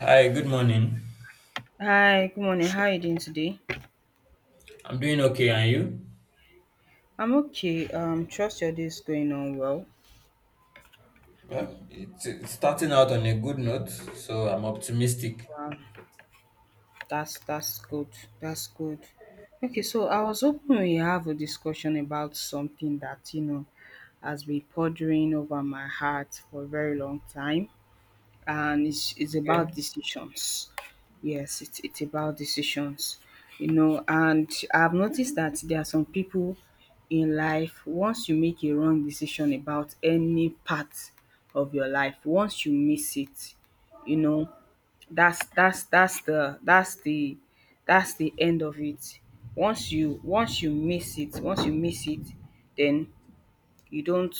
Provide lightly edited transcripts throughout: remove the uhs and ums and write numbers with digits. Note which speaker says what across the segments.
Speaker 1: Hi, good morning.
Speaker 2: Hi, good morning. How are you doing today?
Speaker 1: I'm doing okay, and you?
Speaker 2: I'm okay. Trust your day is going on well.
Speaker 1: Well, it's starting out on a good note, so I'm optimistic.
Speaker 2: Um, that's good. That's good. Okay, so I was hoping we have a discussion about something that has been pondering over my heart for a very long time. And it's
Speaker 1: Okay.
Speaker 2: about decisions. Yes, it's about decisions. And I've noticed that there are some people in life. Once you make a wrong decision about any part of your life, once you miss it, you know, that's that's that's the that's the that's the end of it. Once you miss it, once you miss it, then you don't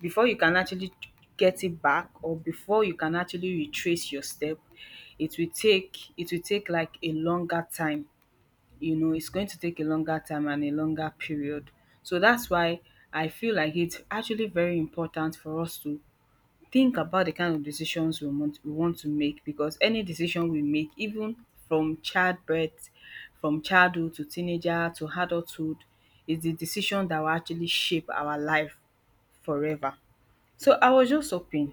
Speaker 2: before you can actually get it back, or before you can actually retrace your step, it will take like a longer time. It's going to take a longer time and a longer period. So that's why I feel like it's actually very important for us to think about the kind of decisions we want to make, because any decision we make, even from childbirth, from childhood to teenager to adulthood, is the decision that will actually shape our life forever. So I was just hoping,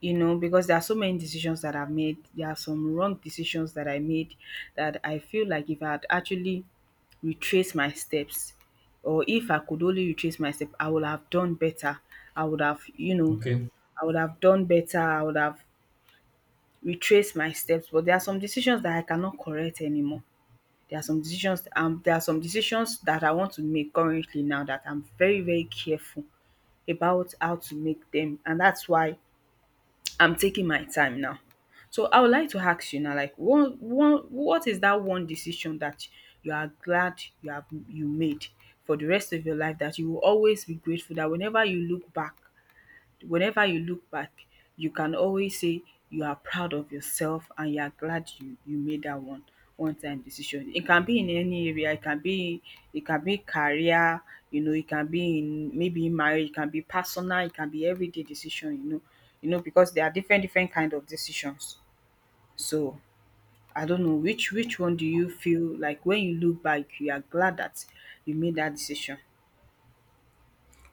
Speaker 2: because there are so many decisions that I've made. There are some wrong decisions that I made that I feel like if I had actually retraced my steps, or if I could only retrace my step, I would have done better. i would have you know
Speaker 1: Okay.
Speaker 2: I would have done better. I would have retraced my steps. But there are some decisions that I cannot correct anymore. There are some decisions that I want to make currently now, that I'm very very careful about how to make them. And that's why I'm taking my time now. So I would like to ask you now, like, one what is that one decision that you are glad you made for the rest of your life, that you will always be grateful, that whenever you look back, you can always say you are proud of yourself, and you are glad you made that one time decision. It can be in any area, it can be career, it can be in, maybe in marriage, it can be personal, it can be everyday decision, because there are different kind of decisions. So I don't know, which one do you feel like, when you look back, you are glad that you made that decision?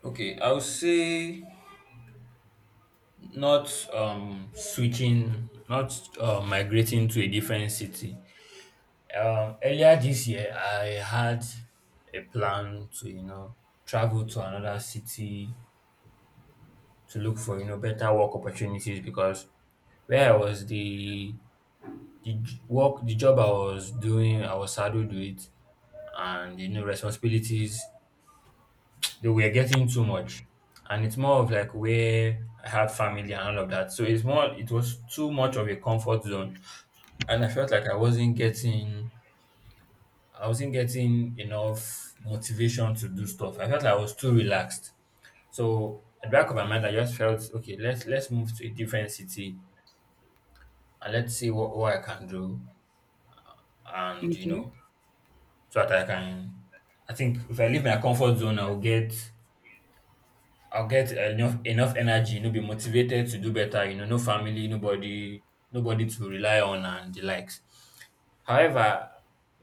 Speaker 1: Okay. I would say not switching, not migrating to a different city. Earlier this year, I had a plan to, you know, travel to another city to look for, you know, better work opportunities because where I was, the the job I was doing, I was saddled with it, and, you know, responsibilities, they were getting too much. And it's more of like where I had family and all of that. So it's more, it was too much of a comfort zone. And I felt like I wasn't getting enough motivation to do stuff. I felt like I was too relaxed. So at the back of my mind I just felt okay, let's move to a different city and let's see what I can do, and you
Speaker 2: Okay.
Speaker 1: know, so that I can. I think if I leave my comfort zone, I'll get enough energy. You know, be motivated to do better. You know, no family, nobody to rely on, and the likes. However,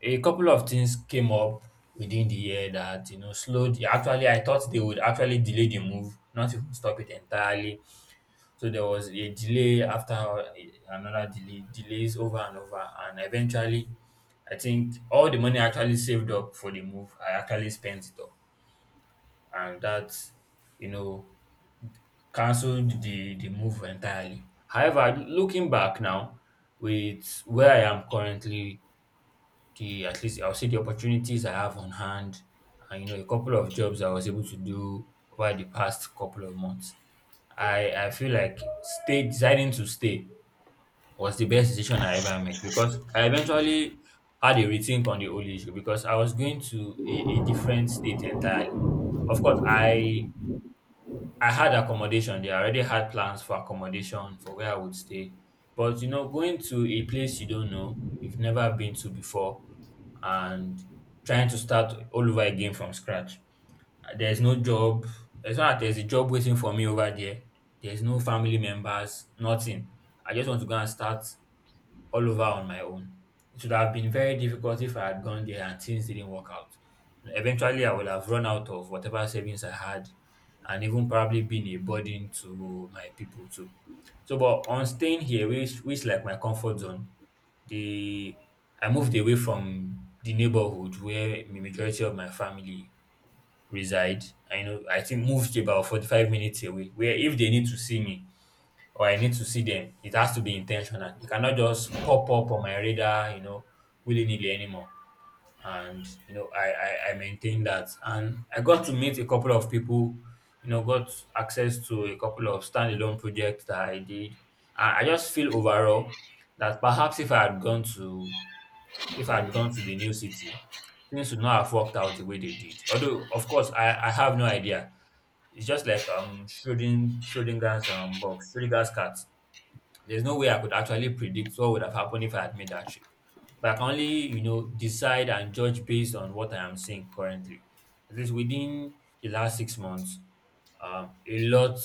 Speaker 1: a couple of things came up within the year that, you know, slowed. Actually, I thought they would actually delay the move, not even stop it entirely. So there was a delay after, another delay, delays over and over. And eventually, I think all the money I actually saved up for the move, I actually spent it all. And that, you know, cancelled the move entirely. However, looking back now, with where I am currently, the at least I'll see the opportunities I have on hand, and, you know, a couple of jobs I was able to do over the past couple of months. I feel like stay deciding to stay was the best decision I ever made, because I eventually had a rethink on the whole issue, because I was going to a different state entirely. Of course, I had accommodation there. I already had plans for accommodation for where I would stay. But you know, going to a place you don't know, you've never been to before, and trying to start all over again from scratch. There's no job. It's not that there's a job waiting for me over there. There's no family members, nothing. I just want to go and start all over on my own. It would have been very difficult if I had gone there and things didn't work out. Eventually, I would have run out of whatever savings I had, and even probably been a burden to my people too. So, but on staying here, which like my comfort zone, the I moved away from the neighborhood where the majority of my family reside. I know I think moved about 45 minutes away, where if they need to see me, or I need to see them, it has to be intentional. You cannot just pop up on my radar, you know, willy nilly anymore. And you know, I maintain that, and I got to meet a couple of people. You know, got access to a couple of standalone projects that I did. And I just feel overall that perhaps if I had gone to if I had gone to the new city, things would not have worked out the way they did. Although, of course, I have no idea. It's just like Schrodinger's box, Schrodinger's cat. There's no way I could actually predict what would have happened if I had made that trip. But I can only, you know, decide and judge based on what I am seeing currently. At least within the last 6 months, a lot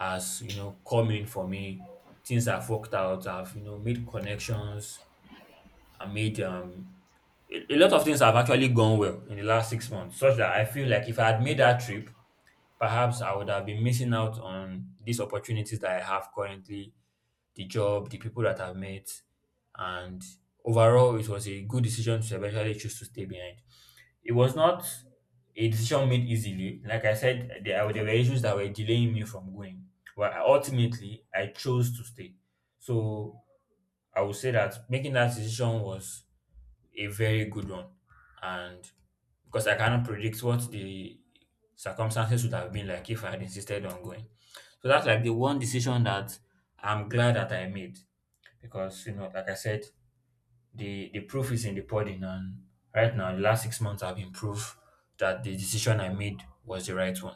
Speaker 1: has, you know, come in for me. Things I've worked out, I've, you know, made connections, I made a lot of things have actually gone well in the last 6 months, such that I feel like if I had made that trip, perhaps I would have been missing out on these opportunities that I have currently: the job, the people that I've met, and overall, it was a good decision to eventually choose to stay behind. It was not a decision made easily. Like I said, there were issues that were delaying me from going, but ultimately, I chose to stay. So I would say that making that decision was a very good one, and because I cannot predict what the circumstances would have been like if I had insisted on going. So that's like the one decision that I'm glad that I made, because, you know, like I said, the proof is in the pudding, and right now, the last 6 months have been proof that the decision I made was the right one.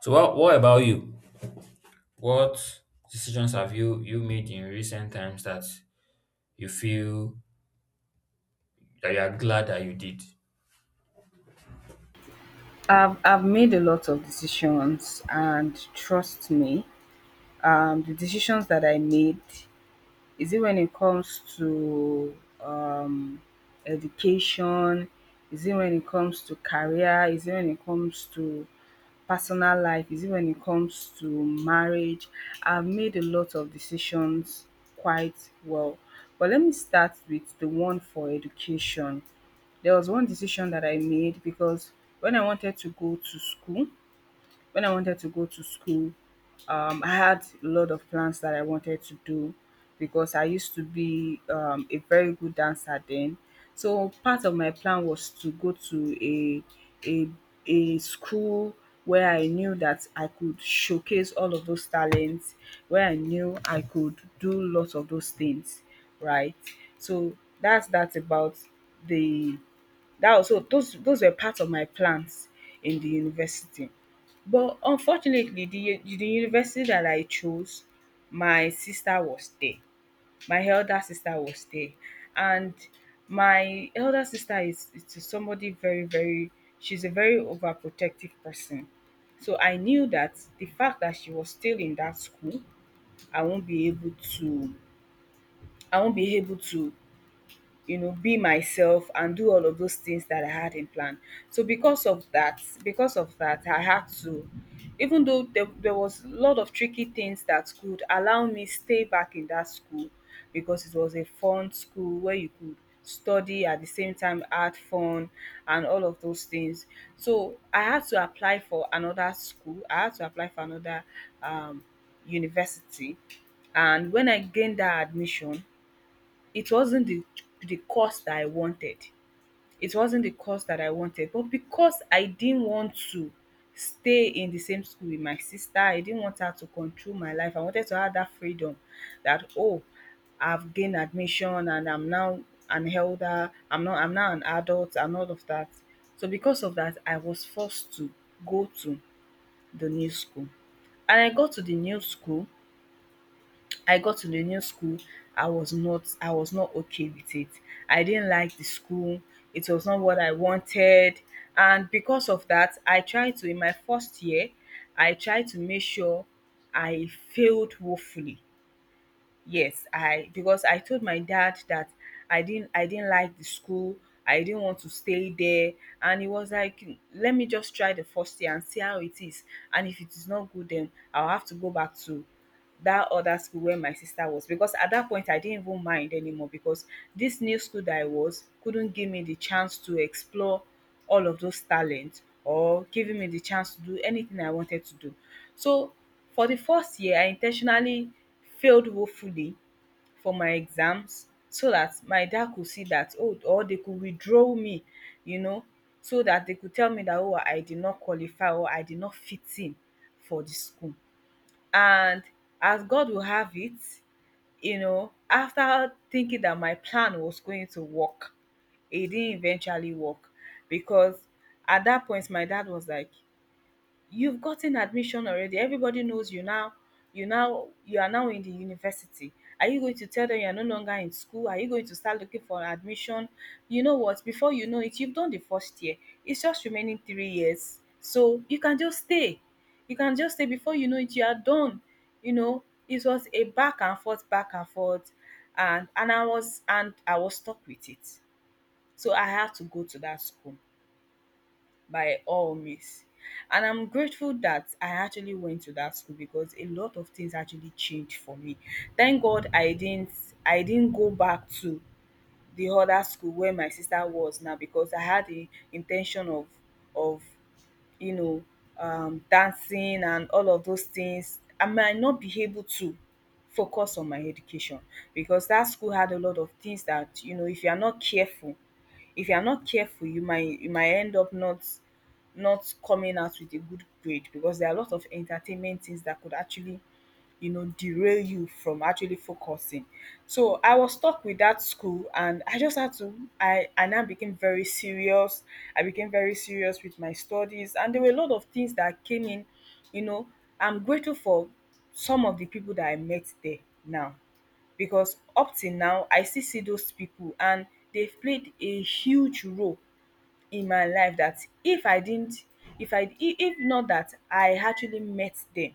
Speaker 1: So, what about you? What decisions have you made in recent times that you feel that you are glad that you did?
Speaker 2: I've made a lot of decisions, and trust me, the decisions that I made, is it when it comes to um, education? Is it when it comes to career? Is it when it comes to personal life? Is it when it comes to marriage? I've made a lot of decisions quite well. But let me start with the one for education. There was one decision that I made, because when I wanted to go to school, when I wanted to go to school, I had a lot of plans that I wanted to do, because I used to be, a very good dancer then. So part of my plan was to go to a a school where I knew that I could showcase all of those talents, where I knew I could do lots of those things, right? So that's about the that was so those were part of my plans in the university. But unfortunately, the university that I chose, my sister was there. My elder sister was there, and my elder sister is somebody very very. She's a very overprotective person. So I knew that, the fact that she was still in that school, I won't be able to I won't be able to be myself and do all of those things that I had in plan. So because of that I had to, even though there was a lot of tricky things that could allow me stay back in that school, because it was a fun school where you could study at the same time had fun and all of those things. So I had to apply for another school, I had to apply for another, um, university. And when I gained that admission, it wasn't the course that I wanted. It wasn't the course that I wanted, but because I didn't want to stay in the same school with my sister, I didn't want her to control my life. I wanted to have that freedom, that, oh, I've gained admission and I'm now an elder, I'm not I'm now an adult and all of that. So because of that, I was forced to go to the new school. And I got to the new school. I was not okay with it. I didn't like the school. It was not what I wanted. And because of that, I tried to, in my first year, I tried to make sure I failed woefully. Yes, I because I told my dad that I didn't like the school. I didn't want to stay there, and he was like, "Let me just try the first year and see how it is, and if it is not good then I'll have to go back to that other school where my sister was." Because at that point I didn't even mind anymore, because this new school that I was couldn't give me the chance to explore all of those talents, or giving me the chance to do anything I wanted to do. So for the first year, I intentionally failed woefully for my exams, so that my dad could see that, oh, or they could withdraw me, you know, so that they could tell me that, oh, I did not qualify or I did not fit in for the school. And as God will have it, after thinking that my plan was going to work, it didn't eventually work, because at that point my dad was like, you've gotten admission already, everybody knows you are now in the university. Are you going to tell them you're no longer in school? Are you going to start looking for admission? You know what, before you know it, you've done the first year. It's just remaining 3 years, so you can just stay. Before you know it, you are done. It was a back and forth, back and forth. And I was stuck with it. So I had to go to that school by all means. And I'm grateful that I actually went to that school, because a lot of things actually changed for me. Thank God I didn't go back to the other school where my sister was now, because I had the intention of of you know dancing and all of those things. I might not be able to focus on my education, because that school had a lot of things that, if you are not careful if you are not careful you might, end up not coming out with a good grade, because there are a lot of entertainment things that could actually, derail you from actually focusing. So I was stuck with that school and I just had to, I, now became very serious. I became very serious with my studies, and there were a lot of things that came in, you know. I'm grateful for some of the people that I met there now, because up till now I still see those people, and they've played a huge role in my life, that if I didn't, if I, if not that I actually met them,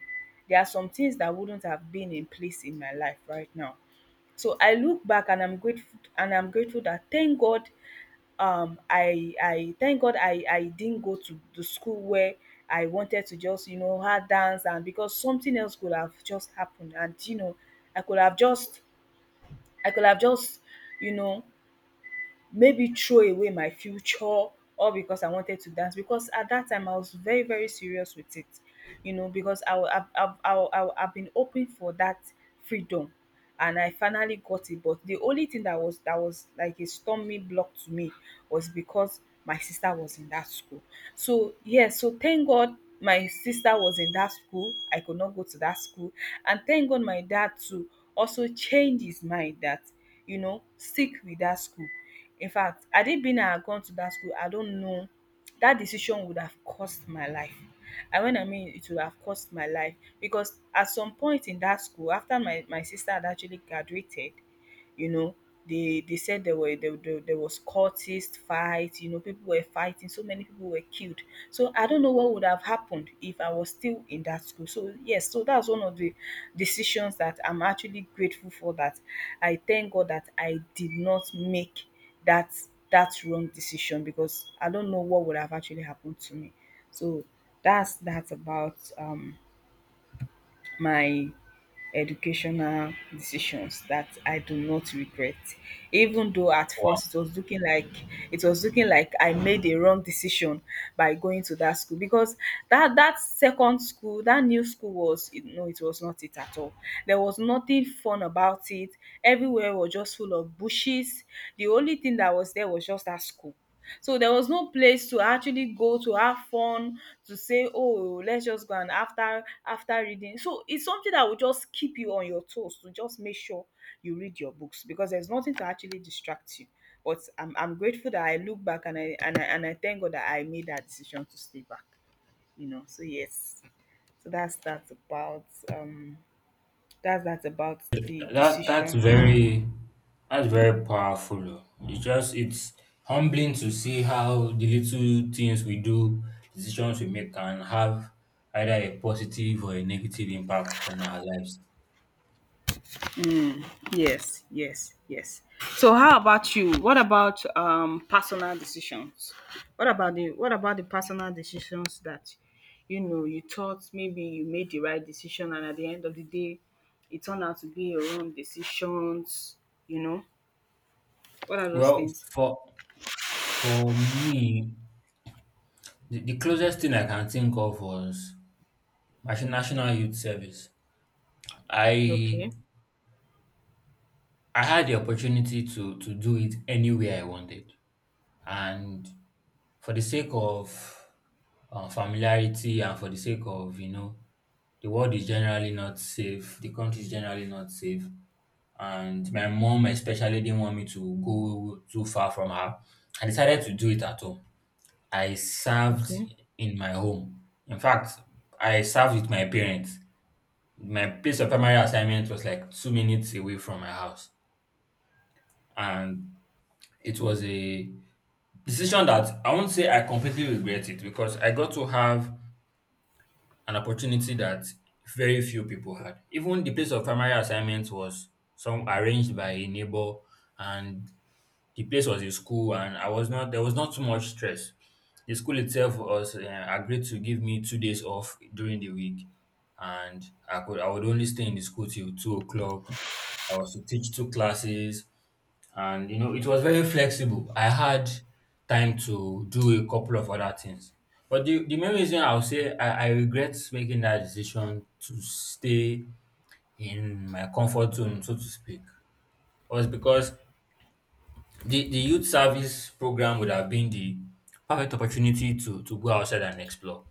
Speaker 2: there are some things that wouldn't have been in place in my life right now. So I look back and I'm grateful that thank God, I thank God I didn't go to the school where I wanted to just, have dance. And because something else could have just happened, and I could have just, I could have just, you know, maybe throw away my future, all because I wanted to dance. Because at that time I was very, very serious with it, you know, because I wa- I've been hoping for that freedom, and I finally got it. But the only thing that was, like a stumbling block to me, was because my sister was in that school. So yes, so thank God my sister was in that school, I could not go to that school. And thank God my dad too also changed his mind that stick with that school. Infact had it been I had gone to that school, I don't know, that decision would have cost my life. And when I mean it would have cost my life, because at some point in that school after my sister had actually graduated, you know, they said there were, there was courtist fight. You know, people were fighting, so many people were killed. So I don't know what would have happened if I was still in that school. So yes, so that's one of the decisions that I'm actually grateful for, that I thank God that I did not make that that wrong decision, because I don't know what would have actually happened to me. So that's about my educational decisions that I do not regret. Even though at first it was looking like, I made a wrong decision by going to that school. Because that second school, that new school, was no, it was not it at all. There was nothing fun about it. Everywhere was just full of bushes. The only thing that was there was just that school. So there was no place to actually go to have fun, to say oh let's just go. And after reading, so it's something that will just keep you on your toes to just make sure you read your books, because there's nothing to actually distract you. But I'm grateful that I look back, and I thank God that I made that decision to stay back, so yes. So um that's about the
Speaker 1: That's
Speaker 2: decision.
Speaker 1: very, powerful. Oh. It's just it's humbling to see how the little things we do, decisions we make, can have either a positive or a negative impact on our lives.
Speaker 2: Yes, yes, yes. So how about you? What about personal decisions? What about the personal decisions that you thought maybe you made the right decision, and at the end of the day it turned out to be your wrong decisions, you know? What are those
Speaker 1: Well,
Speaker 2: things?
Speaker 1: for for me, the closest thing I can think of was my national youth service. I
Speaker 2: Okay.
Speaker 1: I had the opportunity to do it anywhere I wanted. And for the sake of familiarity, and for the sake of, you know, the world is generally not safe, the country is generally not safe, and my mom especially didn't want me to go too far from her. I decided to do it at home. I served
Speaker 2: Okay.
Speaker 1: in my home. In fact, I served with my parents. My place of primary assignment was like 2 minutes away from my house. And it was a decision that I won't say I completely regret, it because I got to have an opportunity that very few people had. Even the place of primary assignment was some arranged by a neighbor, and the place was a school, and I was not there was not too much stress. The school itself was agreed to give me 2 days off during the week, and I would only stay in the school till 2 o'clock. I was to teach two classes, and you know, it was very flexible. I had time to do a couple of other things. But the main reason I'll say I regret making that decision to stay in my comfort zone, so to speak, was because the youth service program would have been the perfect opportunity to go outside and explore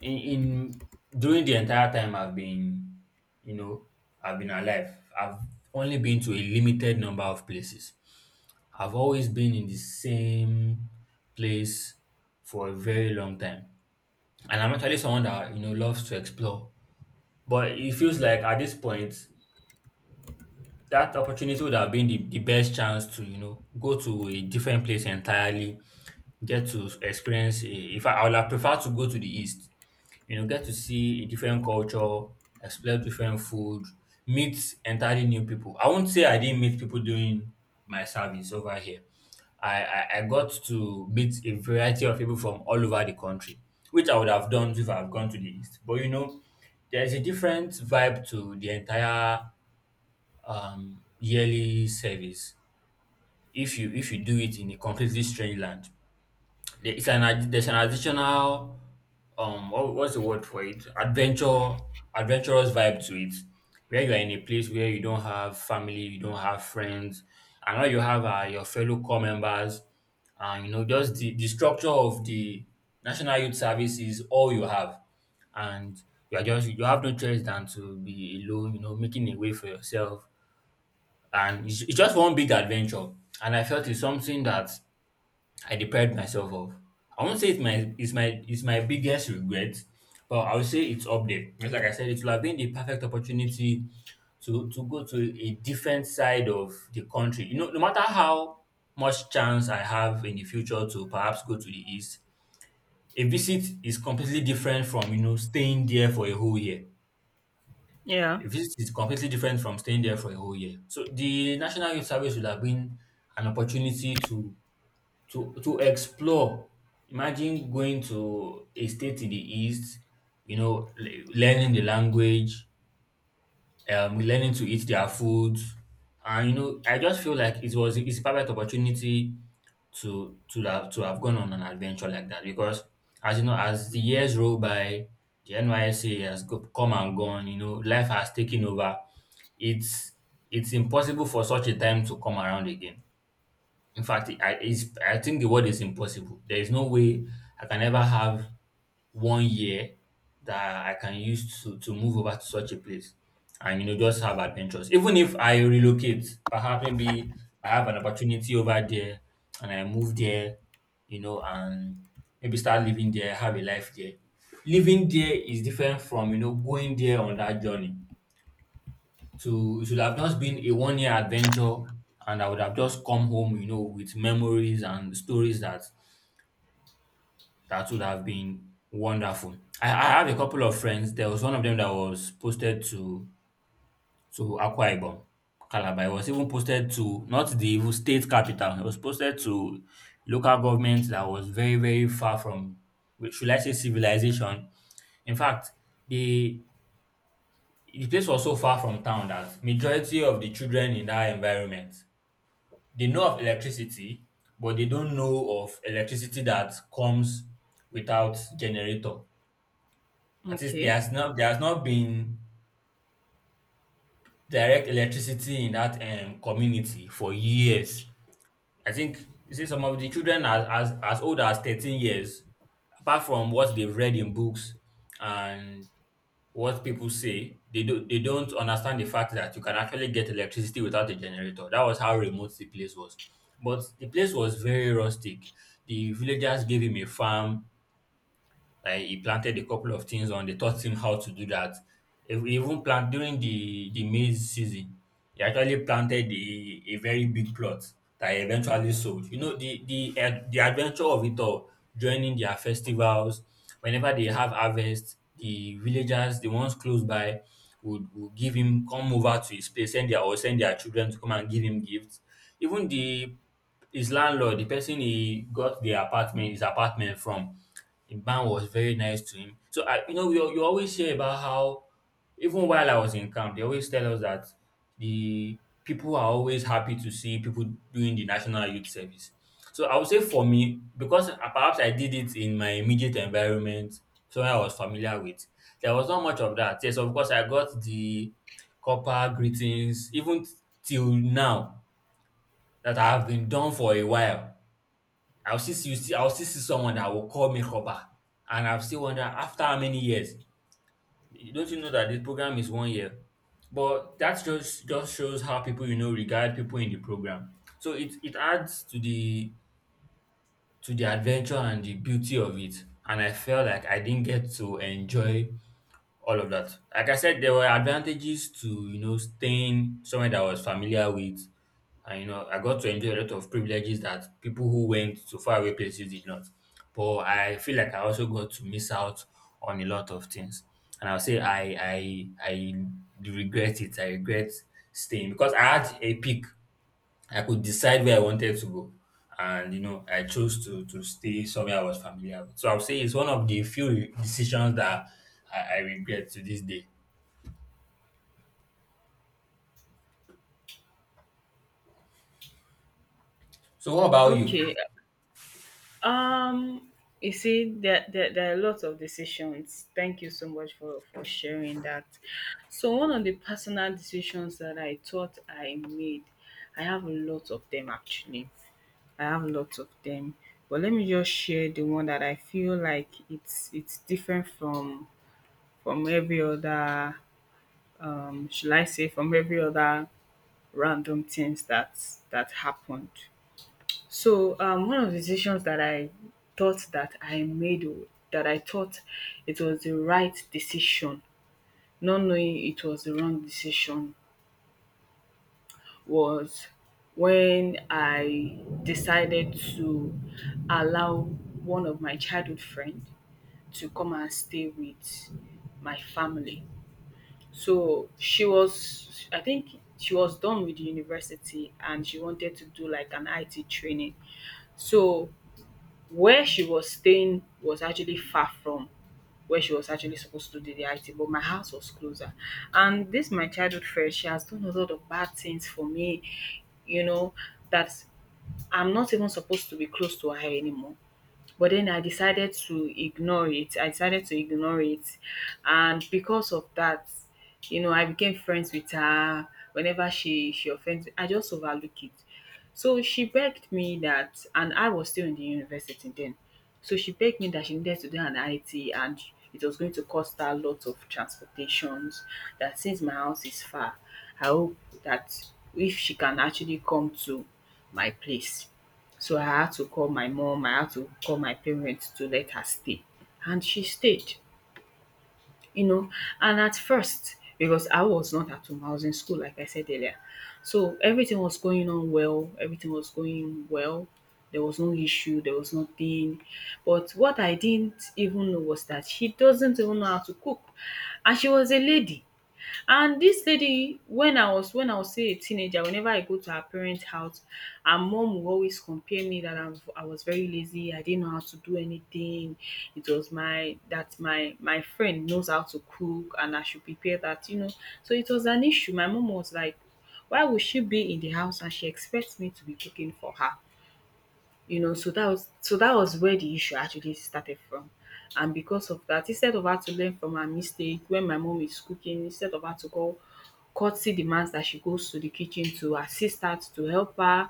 Speaker 1: in during the entire time I've been, you know, I've been alive, I've only been to a limited number of places. I've always been in the same place for a very long time. And I'm actually someone that, you know, loves to explore. But it feels like at this point, that opportunity would have been the best chance to, you know, go to a different place entirely, get to experience. If I, I would have preferred to go to the East, you know, get to see a different culture, explore different food, meet entirely new people. I won't say I didn't meet people doing my service over here. I got to meet a variety of people from all over the country, which I would have done if I've gone to the East. But you know, there's a different vibe to the entire yearly service if you do it in a completely strange land. There's an additional what, what's the word for it? Adventure Adventurous vibe to it. Where you are in a place where you don't have family, you don't have friends, and all you have are your fellow core members, and, you know, just the structure of the National Youth Service is all you have. And you are just you have no choice than to be alone, you know, making a way for yourself. And it's just one big adventure. And I felt it's something that I deprived myself of. I won't say it's my it's my it's my biggest regret, but I would say it's up there. Just like I said, it would have been the perfect opportunity to go to a different side of the country. You know, no matter how much chance I have in the future to perhaps go to the east, a visit is completely different from, you know, staying there for a whole year.
Speaker 2: Yeah.
Speaker 1: A visit is completely different from staying there for a whole year. So the National Youth Service would have been an opportunity to to explore. Imagine going to a state in the east, you know, learning the language, learning to eat their food, and you know, I just feel like it's a perfect opportunity to have gone on an adventure like that because as you know, as the years roll by, the NYSA has go, come and gone. You know, life has taken over. It's it's impossible for such a time to come around again. In fact, I think the word is impossible. There is no way I can ever have 1 year that I can use to move over to such a place and you know just have adventures. Even if I relocate, perhaps maybe I have an opportunity over there and I move there, you know, and maybe start living there, have a life there. Living there is different from you know going there on that journey to it should have just been a 1 year adventure, and I would have just come home, you know, with memories and stories that would have been wonderful. I have a couple of friends. There was one of them that was posted to Akwa Ibom, Calabar. It was even posted to not the even state capital. It was posted to local government that was very very far from, should I say, civilization. In fact, the the place was so far from town that majority of the children in that environment they know of electricity, but they don't know of electricity that comes without generator. That is,
Speaker 2: Okay.
Speaker 1: there has not been direct electricity in that community for years. I think you see some of the children as as old as 13 years, apart from what they've read in books and what people say, they don't understand the fact that you can actually get electricity without a generator. That was how remote the place was. But the place was very rustic. The villagers gave him a farm. Like he planted a couple of things on. They taught him how to do that. He even plant during the maize season. He actually planted a very big plot that he eventually sold. You know the adventure of it all, joining their festivals. Whenever they have harvest, the villagers, the ones close by, would give him come over to his place, send their or send their children to come and give him gifts. Even the his landlord, the person he got the apartment, his apartment from, the man was very nice to him. So I, you know, you always hear about how, even while I was in camp, they always tell us that the people are always happy to see people doing the national youth service. So I would say for me, because perhaps I did it in my immediate environment, somewhere I was familiar with, there was not much of that. Yes, of course, I got the copper greetings, even till now, that I have been done for a while. You see I'll still see someone that will call me robber, and I'll still wonder after how many years. Don't you know that this program is 1 year? But that just shows how people you know regard people in the program. So it adds to the adventure and the beauty of it. And I felt like I didn't get to enjoy all of that. Like I said, there were advantages to you know staying somewhere that I was familiar with, and you know I got to enjoy a lot of privileges that people who went to faraway places did not. But I feel like I also got to miss out on a lot of things, and I'll say I regret it. I regret staying because I had a peak I could decide where I wanted to go. And you know, I chose to stay somewhere I was familiar with. So I would say it's one of the few decisions that I regret to this day. So what about you?
Speaker 2: Okay. Um, you see, there are lots of decisions. Thank you so much for sharing that. So, one of the personal decisions that I thought I made, I have a lot of them actually. I have lots of them. But let me just share the one that I feel like it's different from every other shall I say, from every other random things that happened. So one of the decisions that I thought that I made o, that I thought it was the right decision, not knowing it was the wrong decision, was when I decided to allow one of my childhood friends to come and stay with my family. So she was, I think she was done with the university, and she wanted to do like an IT training. So where she was staying was actually far from where she was actually supposed to do the IT, but my house was closer. And this my childhood friend, she has done a lot of bad things for me, you know, that I'm not even supposed to be close to her anymore. But then I decided to ignore it. I decided to ignore it. And because of that, I became friends with her. Whenever she offends me, I just overlook it. So she begged me that, and I was still in the university then. So she begged me that she needed to do an IT, and it was going to cost her a lot of transportations. That since my house is far, I hope that if she can actually come to my place. So I had to call my mom, I had to call my parents to let her stay. And she stayed, you know. And at first, because I was not at home, I was in school, like I said earlier. So everything was going on well, everything was going well. There was no issue, there was nothing. But what I didn't even know was that she doesn't even know how to cook. And she was a lady. And this lady, when I was still a teenager, whenever I go to her parents' house, her mom would always compare me that I was very lazy, I didn't know how to do anything, it was my, that my friend knows how to cook, and I should prepare that. So it was an issue. My mom was like, why would she be in the house and she expects me to be cooking for her? So that was where the issue actually started from. And because of that, instead of her to learn from her mistake, when my mom is cooking, instead of her to go courtesy demands that she goes to the kitchen to assist her, to help her.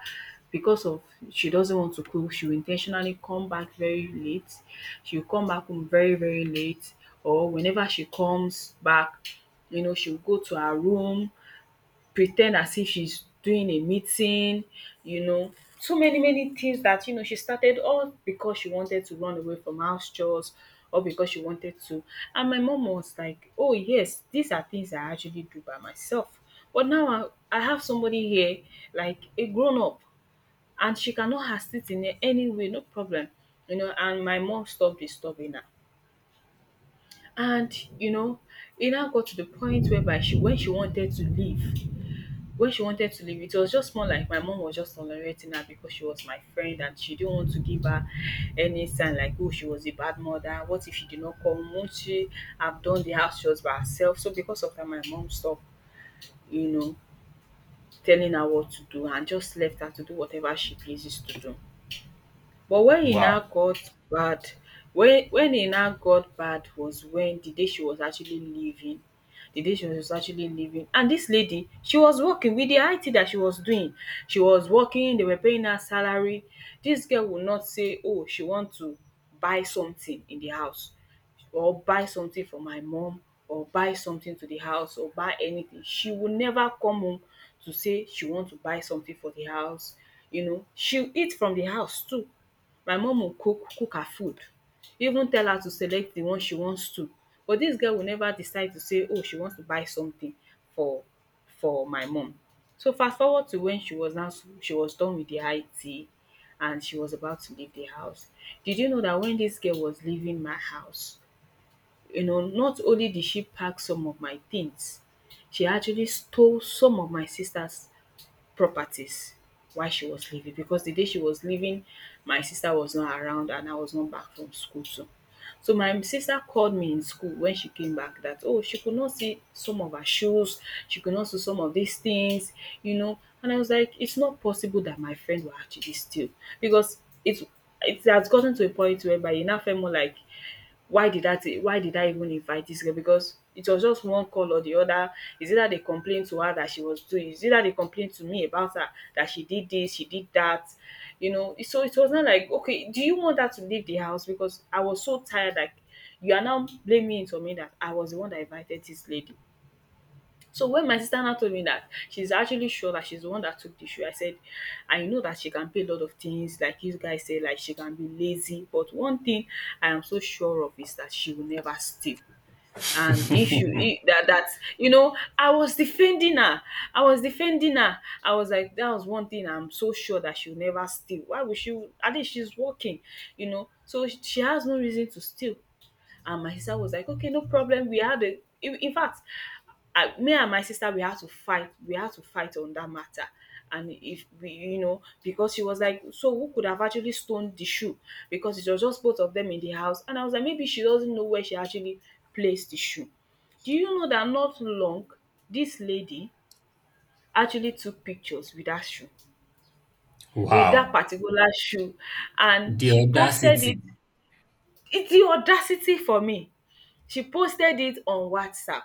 Speaker 2: Because of, she doesn't want to cook, she will intentionally come back very late, she will come back home very, very late. Or whenever she comes back, she will go to her room, pretend as if she's doing a meeting, you know, so many, many things that she started, all because she wanted to run away from house chores, or because she wanted to. And my mom was like, oh yes, these are things I actually do by myself, but now I have somebody here, like a grown up, and she cannot assist in any way. No problem. And my mom stopped disturbing her. And you know it now got to the point whereby she when she wanted to leave when she wanted to leave, it was just more like my mom was just tolerating her because she was my friend, and she didn't want to give her any sign like, oh, she was a bad mother. What if she did not come? Won't she have done the house chores by herself? So because of that, my mom stopped, you know, telling her what to do, and just left her to do whatever she pleases to do. But
Speaker 1: Wow.
Speaker 2: when e now got bad was when the day she was actually leaving. The day she was actually leaving, and this lady, she was working with the IT that she was doing, she was working, they were paying her salary. This girl would not say oh she want to buy something in the house, or buy something for my mom, or buy something to the house, or buy anything, she would never come home to say she want to buy something for the house. She eat from the house too, my mum go cook cook her food, even tell her to select the one she wants to. But dis girl will never decide to say oh she wants to buy something for my mum. So fast forward to when she was done with the IT, and she was about to leave the house. Did you know that when dis girl was leaving my house, not only did she pack some of my things, she actually stole some of my sister's properties while she was leaving, because the day she was leaving my sister was not around, and I was not back from school too. So my sister called me in school when she came back, that oh she could not see some of her shoes, she could not see some of these things. And I was like, it's not possible that my friend will actually steal, because it's it has gotten to a point whereby it now felt more like, why did that? Why did I even invite this girl? Because it was just one call or the other, is either they complained to her that she was doing, is either they complained to me about her that she did this, she did that, so it was not like, okay, do you want her to leave the house, because I was so tired, like, you are now blaming it on me that I was the one that invited this lady. So when my sister now told me that she's actually sure that she's the one that took the shoe, I said, I know that she can pay a lot of things, like you guys say, like she can be lazy, but one thing I am so sure of is that she will never steal. And if you I- that that you know, I was defending her. I was defending her. I was like, that was one thing I'm so sure that she'll never steal. Why would she? At least she's working. So she has no reason to steal. And my sister was like, okay, no problem. We had a, in fact, me and my sister, we had to fight. We had to fight on that matter. And if we, you know, because she was like, so who could have actually stoned the shoe? Because it was just both of them in the house. And I was like, maybe she doesn't know where she actually placed the shoe. Do you know that not long, this lady actually took pictures with that shoe, with that
Speaker 1: Wow.
Speaker 2: particular shoe, and
Speaker 1: The
Speaker 2: she posted it.
Speaker 1: audacity.
Speaker 2: It's the audacity for me. She posted it on WhatsApp.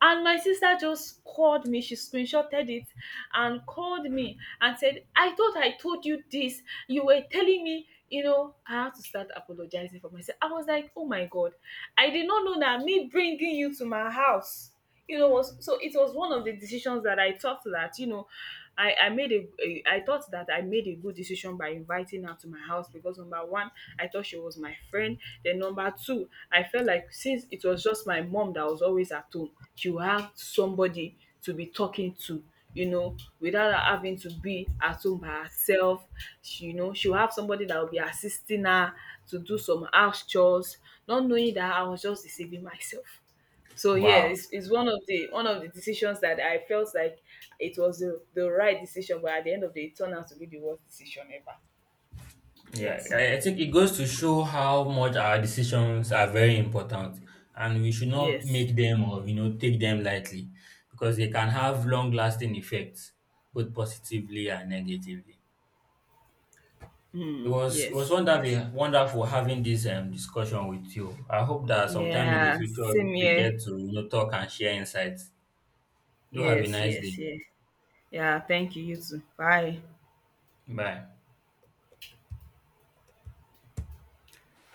Speaker 2: And my sister just called me, she screenshotted it and called me and said, I thought I told you this, you were telling me, I had to start apologizing for myself. I was like, oh my God, I did not know that me bringing you to my house you know was so it was one of the decisions that I thought that you know I made a I thought that I made a good decision by inviting her to my house. Because number one, I thought she was my friend. Then number two, I felt like since it was just my mom that was always at home, she would have somebody to be talking to, without her having to be at home by herself. She you know She will have somebody that will be assisting her to do some house chores, not knowing that I was just deceiving myself. So yeah,
Speaker 1: Wow.
Speaker 2: it's one of the decisions that I felt like it was the right decision, but at the end of the day it turned out to be the worst decision ever.
Speaker 1: Yeah,
Speaker 2: Yes.
Speaker 1: I think it goes to show how much our decisions are very important and we should not
Speaker 2: Yes.
Speaker 1: make them or you know take them lightly because they can have long lasting effects both positively and negatively. It
Speaker 2: Mm,
Speaker 1: was it was
Speaker 2: yes. Yes.
Speaker 1: wonderful wonderful having this discussion with you. I hope that sometime in the
Speaker 2: Yeah.
Speaker 1: future
Speaker 2: Same
Speaker 1: we get
Speaker 2: here.
Speaker 1: to you know talk and share insights. Do have a
Speaker 2: Yes.
Speaker 1: nice day.
Speaker 2: Yes. Yes. Yeah. Thank you. You too. Bye.
Speaker 1: Bye.